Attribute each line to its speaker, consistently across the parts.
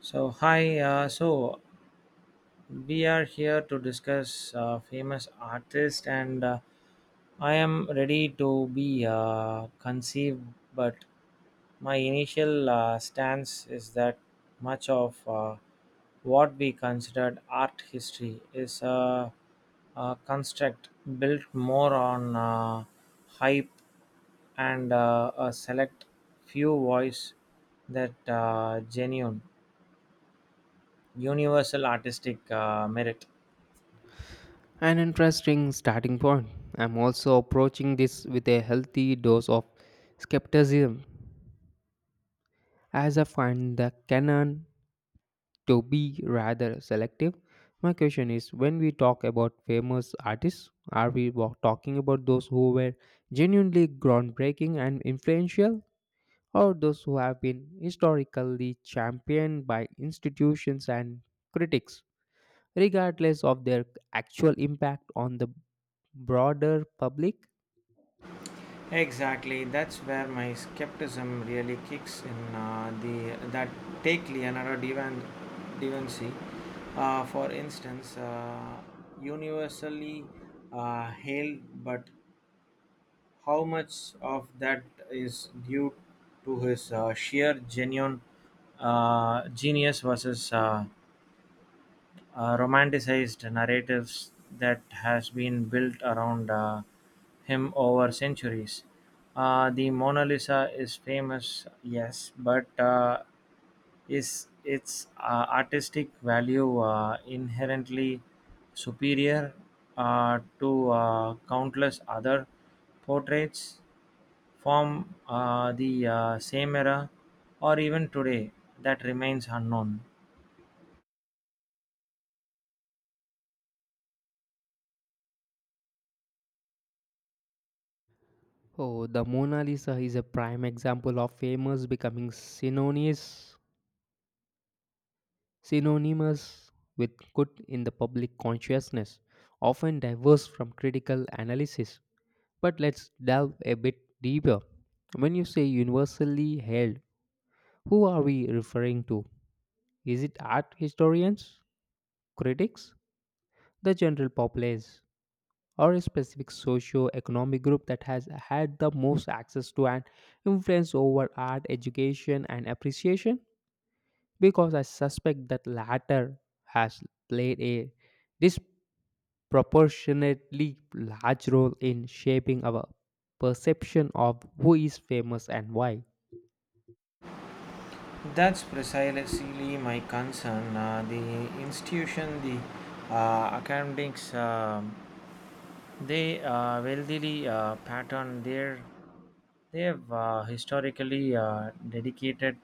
Speaker 1: So hi, so we are here to discuss famous artists, and I am ready to be conceived. But my initial stance is that much of what we considered art history is a construct built more on hype and a select few voice that genuine universal artistic merit.
Speaker 2: An interesting starting point. I'm also approaching this with a healthy dose of skepticism, as I find the canon to be rather selective. My question is when we talk about famous artists, talking about those who were genuinely groundbreaking and influential, or those who have been historically championed by institutions and critics, regardless of their actual impact on the broader public?
Speaker 1: Exactly, that's where my skepticism really kicks in. The that Take Leonardo Divan, Vinci, for instance, universally hailed, but how much of that is due to his sheer genuine genius versus romanticized narratives that has been built around him over centuries. The Mona Lisa is famous, yes, but is its artistic value inherently superior to countless other portraits from the same era or even today that remains unknown?
Speaker 2: Oh, the Mona Lisa is a prime example of famous becoming synonymous with good in the public consciousness, often diverse from critical analysis. But let's delve a bit deeper. When you say universally held, who are we referring to? Is it art historians, critics, the general populace, or a specific socio-economic group that has had the most access to and influence over art education and appreciation, because I suspect that latter has played a disproportionately large role in shaping our perception of who is famous and why.
Speaker 1: That's precisely my concern. The institution, the academics, they wealthily pattern their. They have historically dedicated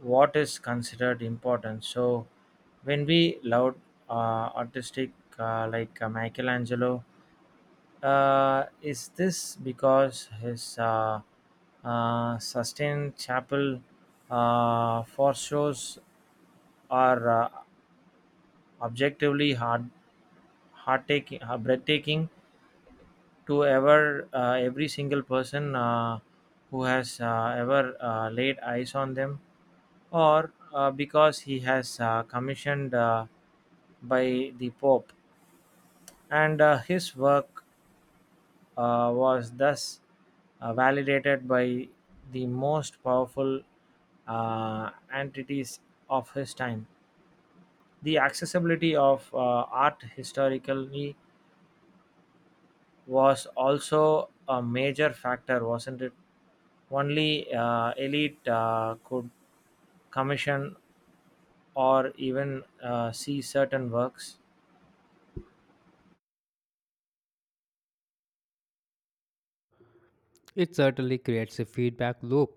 Speaker 1: what is considered important. So, when we laud artistic like Michelangelo, is this because his sustained chapel foreshadows are objectively hard, heart taking, breathtaking to every single person who has ever laid eyes on them, or because he has commissioned by the Pope, and his work was thus validated by the most powerful entities of his time. The accessibility of art historically was also a major factor, wasn't it? Only elite could commission or even see certain works.
Speaker 2: It certainly creates a feedback loop.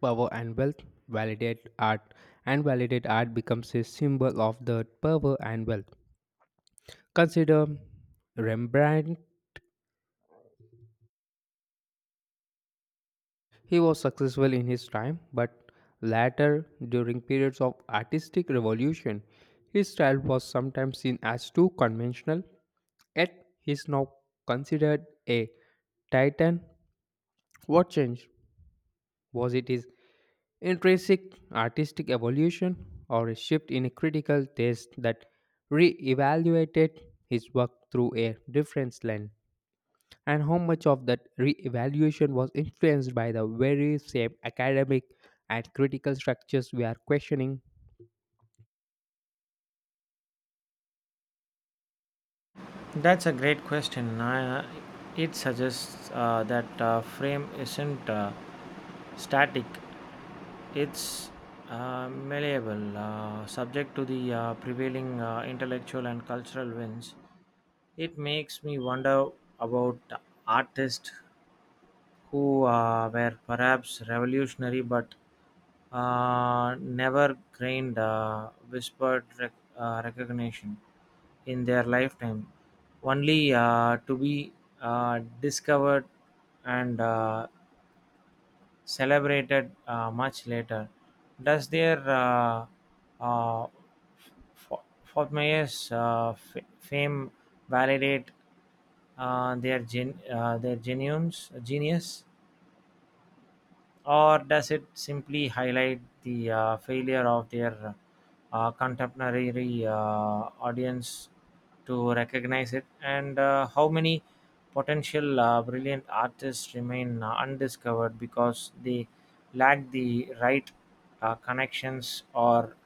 Speaker 2: Power and wealth validate art, and validate art becomes a symbol of the power and wealth. Consider Rembrandt. He was successful in his time, but later, during periods of artistic revolution, his style was sometimes seen as too conventional, yet he is now considered a titan. What changed? Was it his intrinsic artistic evolution or a shift in a critical taste that re-evaluated his work through a different lens, and how much of that re-evaluation was influenced by the very same academic and critical structures we are questioning?
Speaker 1: That's a great question. It suggests that frame isn't static; it's malleable, subject to the prevailing intellectual and cultural winds. It makes me wonder about artists who were perhaps revolutionary but never gained recognition in their lifetime, only to be discovered and celebrated much later. Does their uh, Fo- Fortmayor's fame validate their genuines genius? Or does it simply highlight the failure of their contemporary audience to recognize it? And how many potential brilliant artists remain undiscovered because they lack the right connections or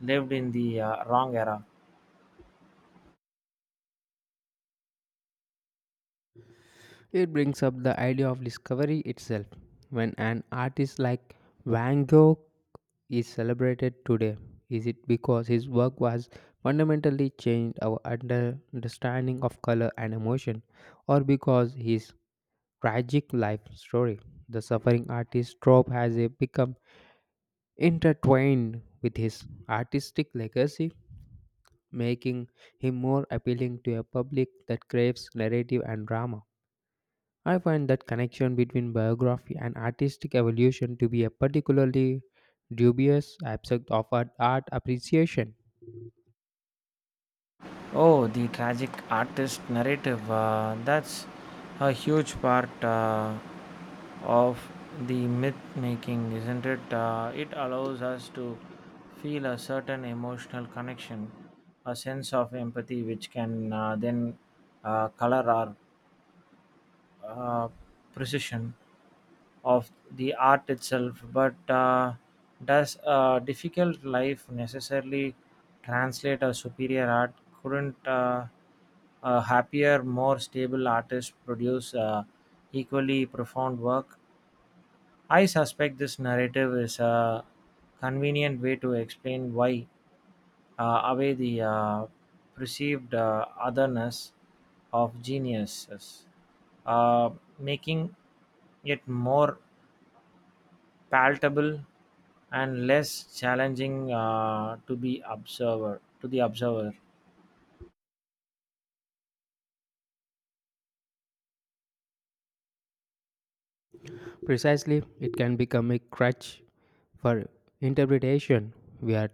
Speaker 1: lived in the wrong era?
Speaker 2: It brings up the idea of discovery itself. When an artist like Van Gogh is celebrated today, is it because his work was fundamentally changed our understanding of color and emotion, or because his tragic life story, the suffering artist trope, has become intertwined with his artistic legacy, making him more appealing to a public that craves narrative and drama? I find that connection between biography and artistic evolution to be a particularly dubious aspect of art appreciation.
Speaker 1: Oh, the tragic artist narrative. That's a huge part of the myth making, isn't it? It allows us to feel a certain emotional connection, a sense of empathy, which can then color our uh, precision of the art itself, but does a difficult life necessarily translate a superior art? Couldn't a happier, more stable artist produce equally profound work? I suspect this narrative is a convenient way to explain why away the perceived otherness of geniuses, uh, making it more palatable and less challenging to be observer to the observer.
Speaker 2: Precisely, it can become a crutch for interpretation. We are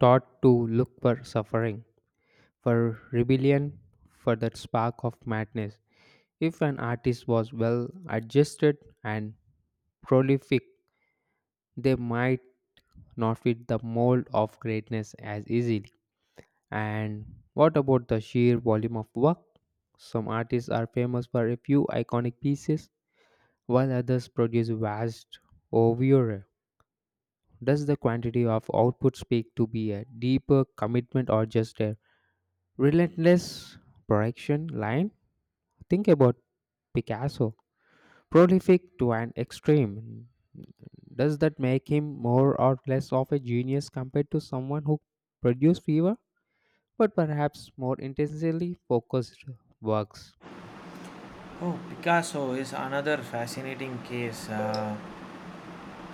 Speaker 2: taught to look for suffering, for rebellion, for that spark of madness. If an artist was well adjusted and prolific, they might not fit the mold of greatness as easily. And what about the sheer volume of work? Some artists are famous for a few iconic pieces, while others produce vast oeuvre. Does the quantity of output speak to be a deeper commitment or just a relentless production line? Think about Picasso, prolific to an extreme. Does that make him more or less of a genius compared to someone who produced fewer, but perhaps more intensely focused works?
Speaker 1: Oh, Picasso is another fascinating case.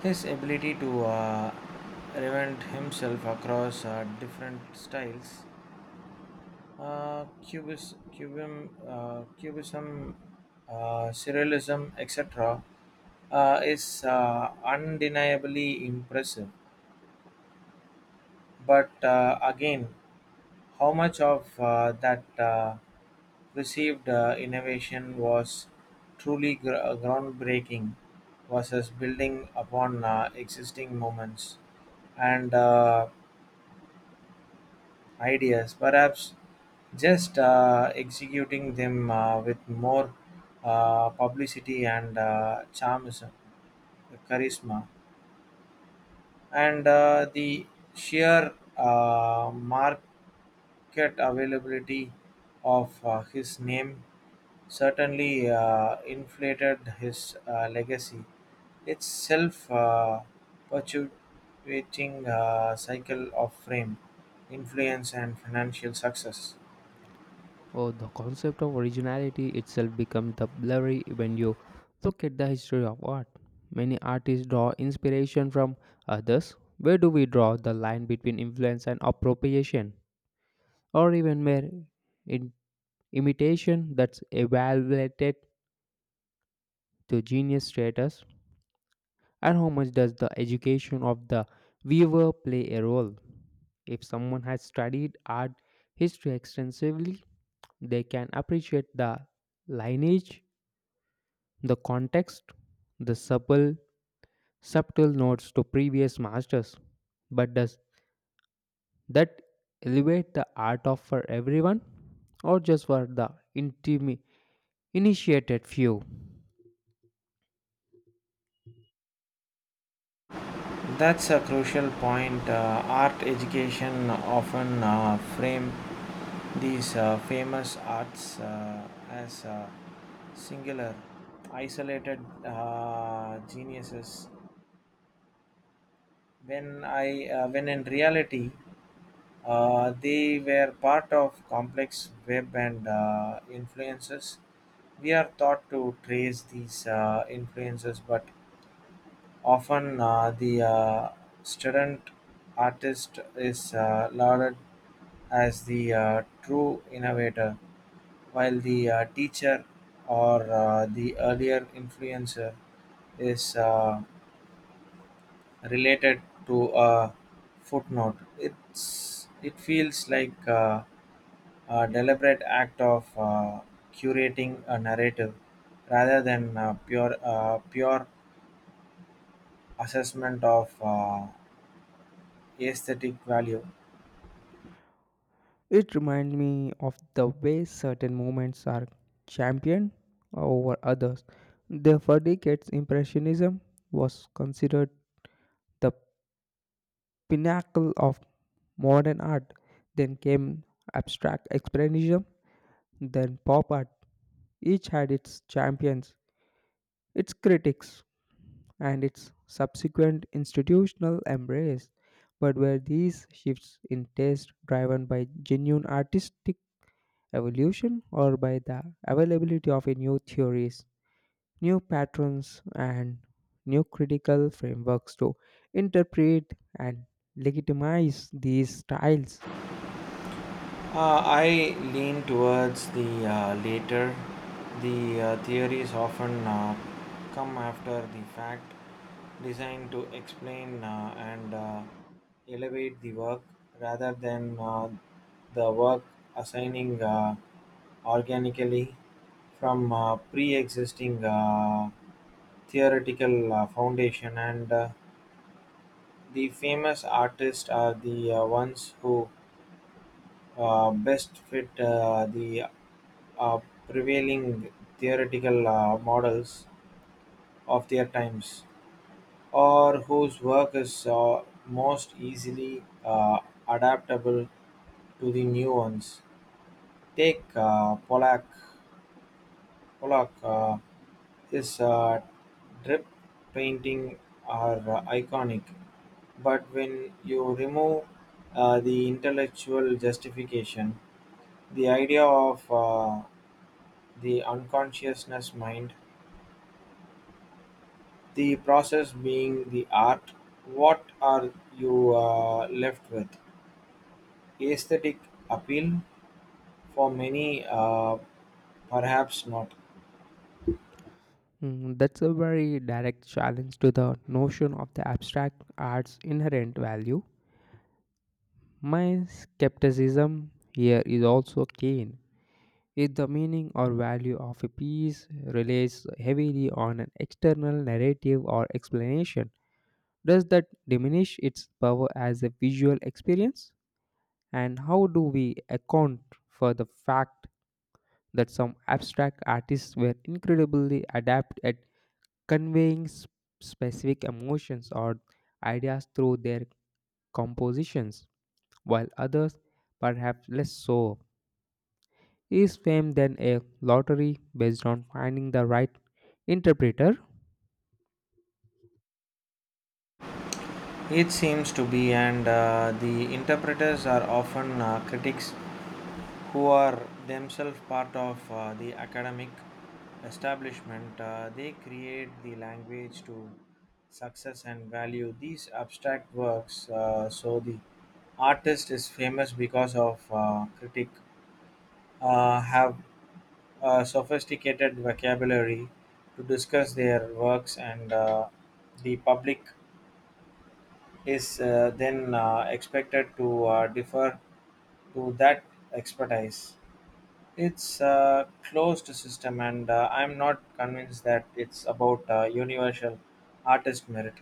Speaker 1: His ability to reinvent himself across different styles. Cubism, Surrealism, etc., is undeniably impressive. But again, how much of that received innovation was truly groundbreaking versus building upon existing moments? And ideas, perhaps just executing them with more publicity and charisma, and the sheer market availability of his name certainly inflated his legacy. Its self perpetuating cycle of fame, influence, and financial success.
Speaker 2: Oh, the concept of originality itself becomes the blurry when you look at the history of art. Many artists draw inspiration from others. Where do we draw the line between influence and appropriation, or even mere in- imitation that's evaluated to genius status? And how much does the education of the viewer play a role? If someone has studied art history extensively, they can appreciate the lineage, the context, the subtle notes to previous masters. But does that elevate the art of for everyone or just for the intimi- initiated few?
Speaker 1: That's a crucial point. Art education often frame these famous arts as singular, isolated geniuses. When in reality, they were part of complex web and influences. We are taught to trace these influences, but often the student artist is lauded as the true innovator, while the teacher or the earlier influencer is related to a footnote. It feels like a deliberate act of curating a narrative rather than pure assessment of. Aesthetic value?
Speaker 2: It reminds me of the way certain movements are championed over others. The for decades, Impressionism was considered the pinnacle of modern art. Then came abstract expressionism, then pop art. Each had its champions, its critics, and its subsequent institutional embrace. But were these shifts in taste driven by genuine artistic evolution or by the availability of a new theories, new patterns, and new critical frameworks to interpret and legitimize these styles?
Speaker 1: I lean towards the later. The theories often come after the fact, designed to explain and elevate the work rather than the work assigning organically from pre existing theoretical foundation and the famous artists are the ones who best fit the uh, prevailing theoretical models of their times, or whose work is most easily adaptable to the new ones. Take Pollock. Pollock, his drip painting are iconic, but when you remove the intellectual justification, the idea of the unconsciousness mind, the process being the art, what are you left with? Aesthetic appeal? For many, perhaps not.
Speaker 2: Mm, that's a very direct challenge to the notion of the abstract art's inherent value. My skepticism here is also keen. If the meaning or value of a piece relies heavily on an external narrative or explanation, does that diminish its power as a visual experience? And how do we account for the fact that some abstract artists were incredibly adept at conveying specific emotions or ideas through their compositions, while others, perhaps less so, is fame than a lottery based on finding the right interpreter?
Speaker 1: It seems to be, and the interpreters are often critics who are themselves part of the academic establishment. They create the language to success and value these abstract works. So the artist is famous because of critic have a sophisticated vocabulary to discuss their works and the public is then expected to defer to that expertise. It's a closed system, and I'm not convinced that it's about universal artist merit.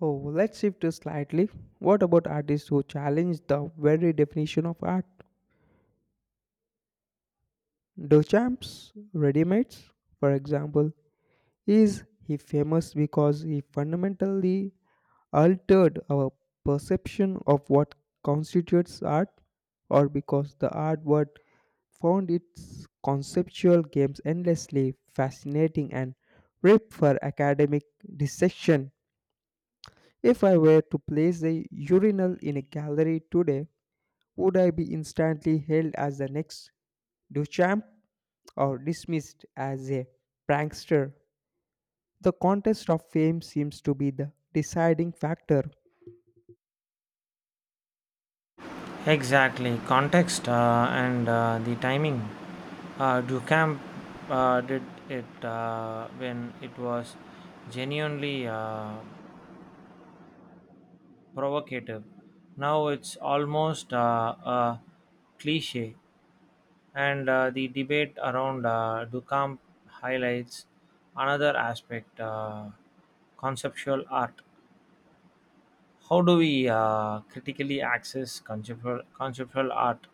Speaker 2: Oh, let's shift to slightly. What about artists who challenge the very definition of art? Duchamp's Readymades, for example, is he famous because he fundamentally altered our perception of what constitutes art, or because the art world found its conceptual games endlessly fascinating and ripe for academic dissection? If I were to place a urinal in a gallery today, would I be instantly hailed as the next Duchamp or dismissed as a prankster? The contest of fame seems to be the deciding factor.
Speaker 1: Exactly, context and the timing. Ducamp did it when it was genuinely provocative. Now it's almost a cliche. And the debate around Duchamp highlights another aspect conceptual art. How do we critically access conceptual art?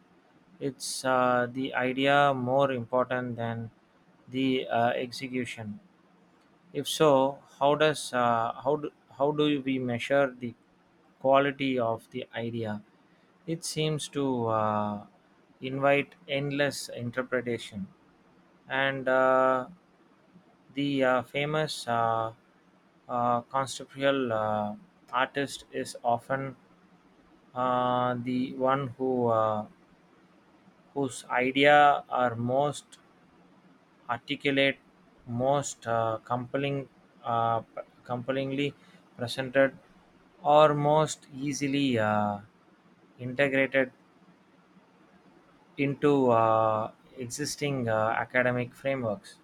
Speaker 1: It's the idea more important than the execution. If so, how do we measure the quality of the idea? It seems to invite endless interpretation, and the famous conceptual artist is often the one whose idea are most articulate, most compellingly presented, or most easily integrated into existing academic frameworks.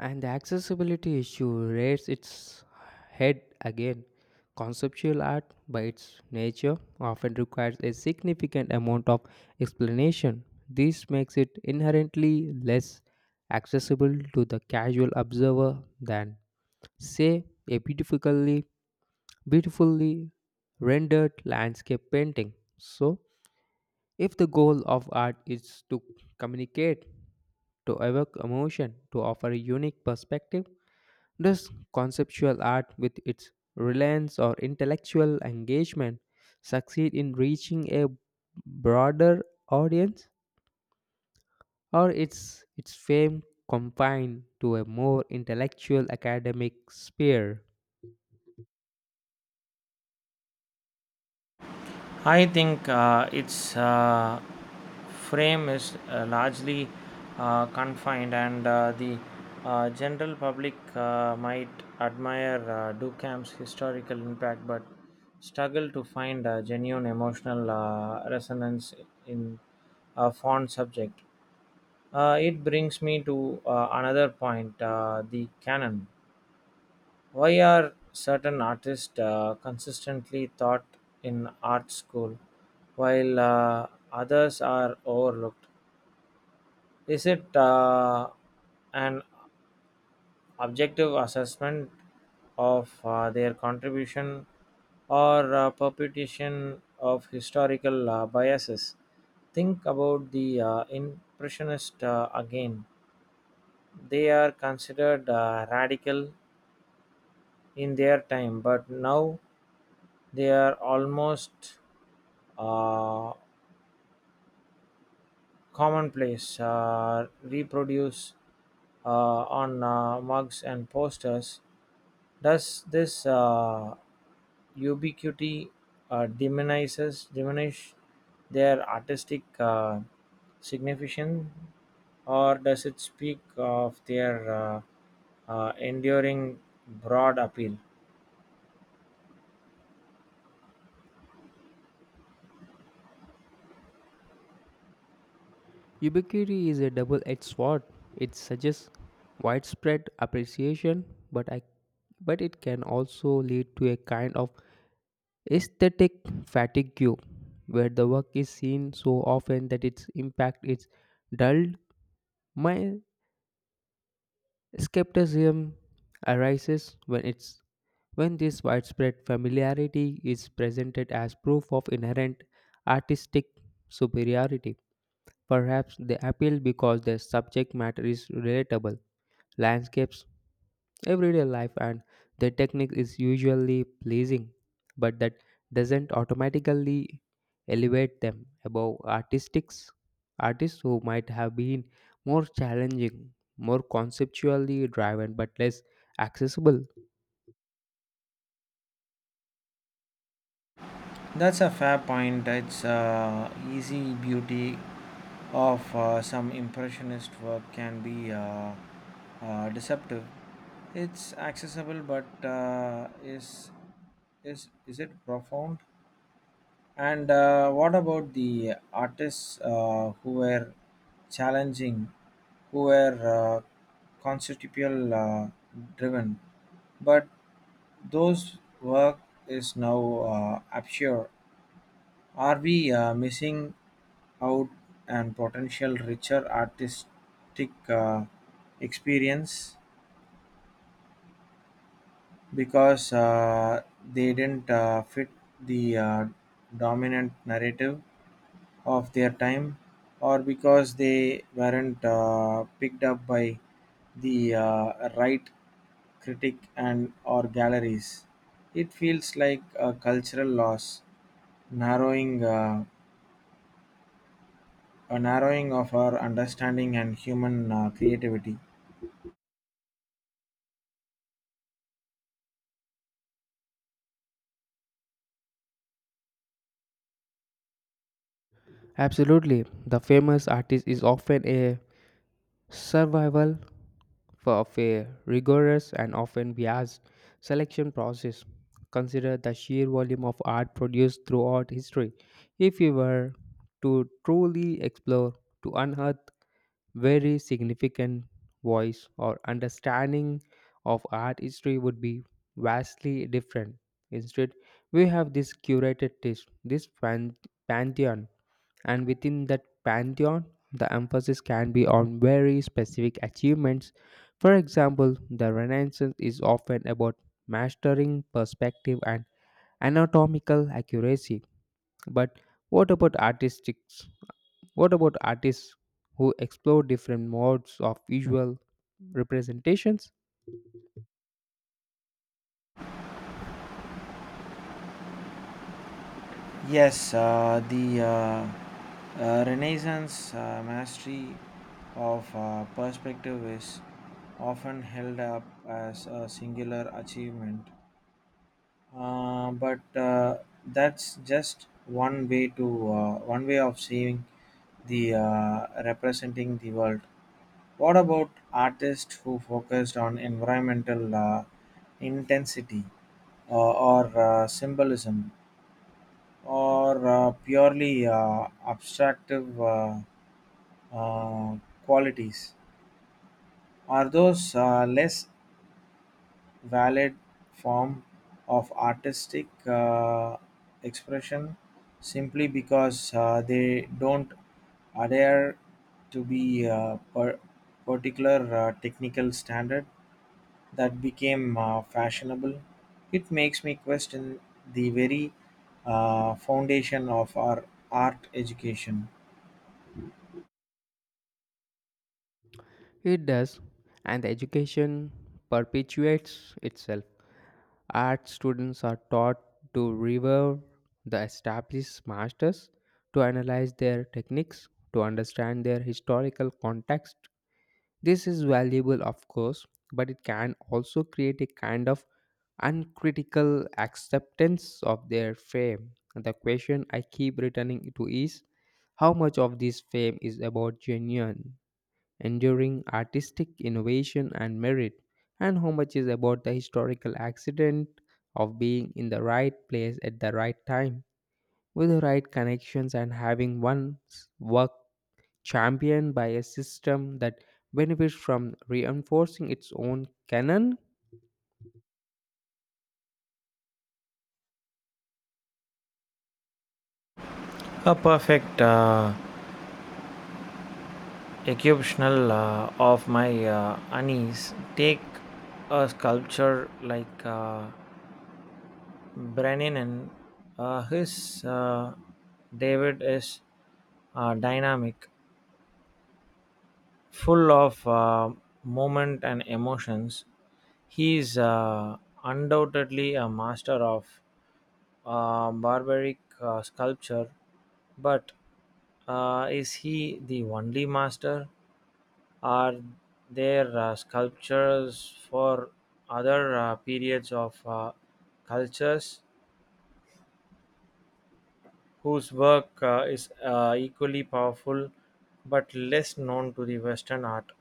Speaker 2: And the accessibility issue rears its head again. Conceptual art, by its nature, often requires a significant amount of explanation. This makes it inherently less accessible to the casual observer than, say, a beautifully rendered landscape painting. So, if the goal of art is to communicate, to evoke emotion, to offer a unique perspective, does conceptual art, with its reliance or intellectual engagement, succeed in reaching a broader audience, or is its fame confined to a more intellectual academic sphere?
Speaker 1: I think its frame is largely confined, and the general public might admire Duchamp's historical impact but struggle to find a genuine emotional resonance in a fond subject. It brings me to another point the canon. Why are certain artists consistently taught in art school while others are overlooked? Is it an objective assessment of their contribution or perpetuation of historical biases? Think about the Impressionists again. They are considered radical in their time, but now they are almost uh, commonplace, reproduce uh, on mugs and posters. Does this ubiquity diminish their artistic significance, or does it speak of their enduring broad appeal?
Speaker 2: Ubiquity is a double edged sword. It suggests widespread appreciation, but, I, but it can also lead to a kind of aesthetic fatigue, where the work is seen so often that its impact is dulled. My skepticism arises when this widespread familiarity is presented as proof of inherent artistic superiority. Perhaps they appeal because their subject matter is relatable, landscapes, everyday life, and their technique is usually pleasing, but that doesn't automatically elevate them above artistics artists who might have been more challenging, more conceptually driven, but less accessible.
Speaker 1: That's a fair point. It's easy beauty of some impressionist work can be deceptive. It's accessible, but is it profound? And what about the artists who were challenging, who were conceptual driven, but those work is now obscure, are we missing out on potential richer artistic experience because they didn't fit the dominant narrative of their time, or because they weren't picked up by the right critic and or galleries? It feels like a cultural loss, narrowing. A narrowing of our understanding and human creativity.
Speaker 2: Absolutely, the famous artist is often a survival of a rigorous and often biased selection process. Consider the sheer volume of art produced throughout history. If we were to truly explore, to unearth very significant voice or understanding of art history would be vastly different. Instead, we have this curated list, this pantheon, and within that pantheon, the emphasis can be on very specific achievements. For example, the Renaissance is often about mastering perspective and anatomical accuracy. But what about artistics? What about artists who explore different modes of visual representations?
Speaker 1: Yes, the Renaissance mastery of perspective is often held up as a singular achievement, but that's just one way of seeing the representing the world. What about artists who focused on environmental intensity or symbolism or purely abstractive uh, uh, qualities? Are those less valid form of artistic expression simply because they don't adhere to be particular technical standard that became fashionable? It makes me question the very foundation of our art education.
Speaker 2: It does, and the education perpetuates itself. Art students are taught to revere the established masters, to analyze their techniques, to understand their historical context. This is valuable, of course, but it can also create a kind of uncritical acceptance of their fame. The question I keep returning to is how much of this fame is about genuine enduring artistic innovation and merit, and how much is about the historical accident of being in the right place at the right time with the right connections and having one's work championed by a system that benefits from reinforcing its own canon.
Speaker 1: A perfect exceptional of my unease. Take a sculpture like Brennan and his David is dynamic, full of moment and emotions. He is undoubtedly a master of barbaric sculpture, but is he the only master? Are there sculptures for other periods of cultures whose work is equally powerful but less known to the Western art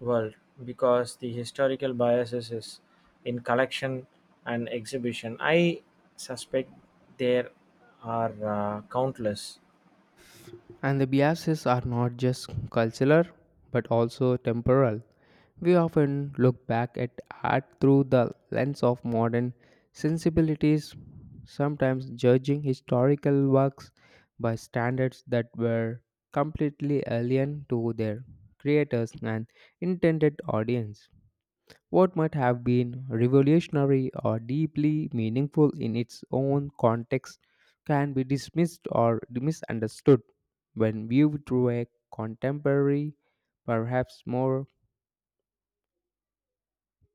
Speaker 1: world, because the historical biases is in collection and exhibition. I suspect there are countless.
Speaker 2: And the biases are not just cultural but also temporal. We often look back at art through the lens of modern sensibilities, sometimes judging historical works by standards that were completely alien to their creators and intended audience. What might have been revolutionary or deeply meaningful in its own context can be dismissed or misunderstood when viewed through a contemporary, perhaps more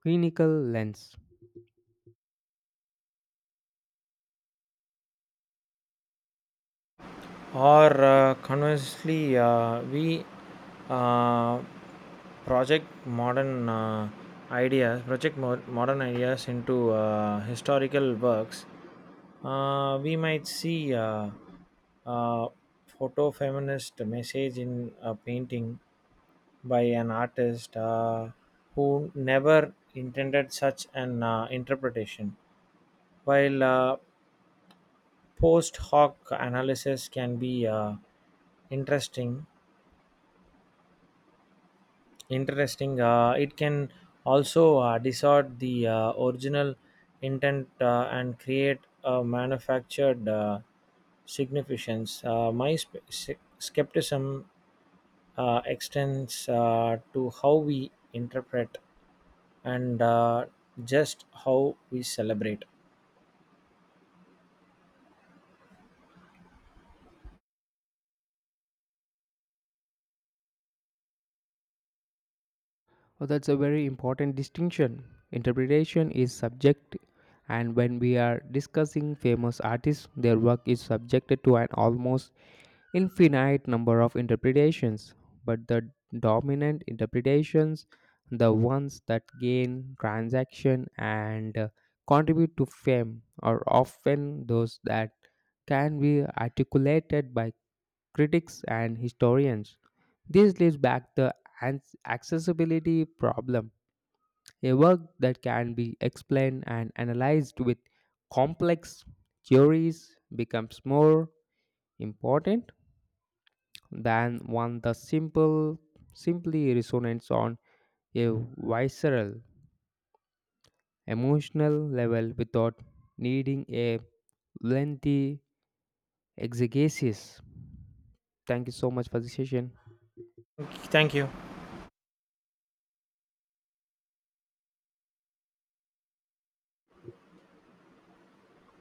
Speaker 2: clinical lens.
Speaker 1: Or conversely we uh, project modern uh, project mo- modern ideas into historical works. We might see uh, photo feminist message in a painting by an artist who never intended such an interpretation, while post hoc analysis can be interesting interesting, it can also distort the original intent and create a manufactured significance. My skepticism extends to how we interpret and just how we celebrate.
Speaker 2: Oh, that's a very important distinction. Interpretation is subject, and when we are discussing famous artists, their work is subjected to an almost infinite number of interpretations, but the dominant interpretations, the ones that gain transaction and contribute to fame, are often those that can be articulated by critics and historians. This leads back the accessibility problem, a work that can be explained and analyzed with complex theories becomes more important than one the simple simply resonates on a visceral emotional level without needing a lengthy exegesis. Thank you so much for the session.
Speaker 1: Thank you.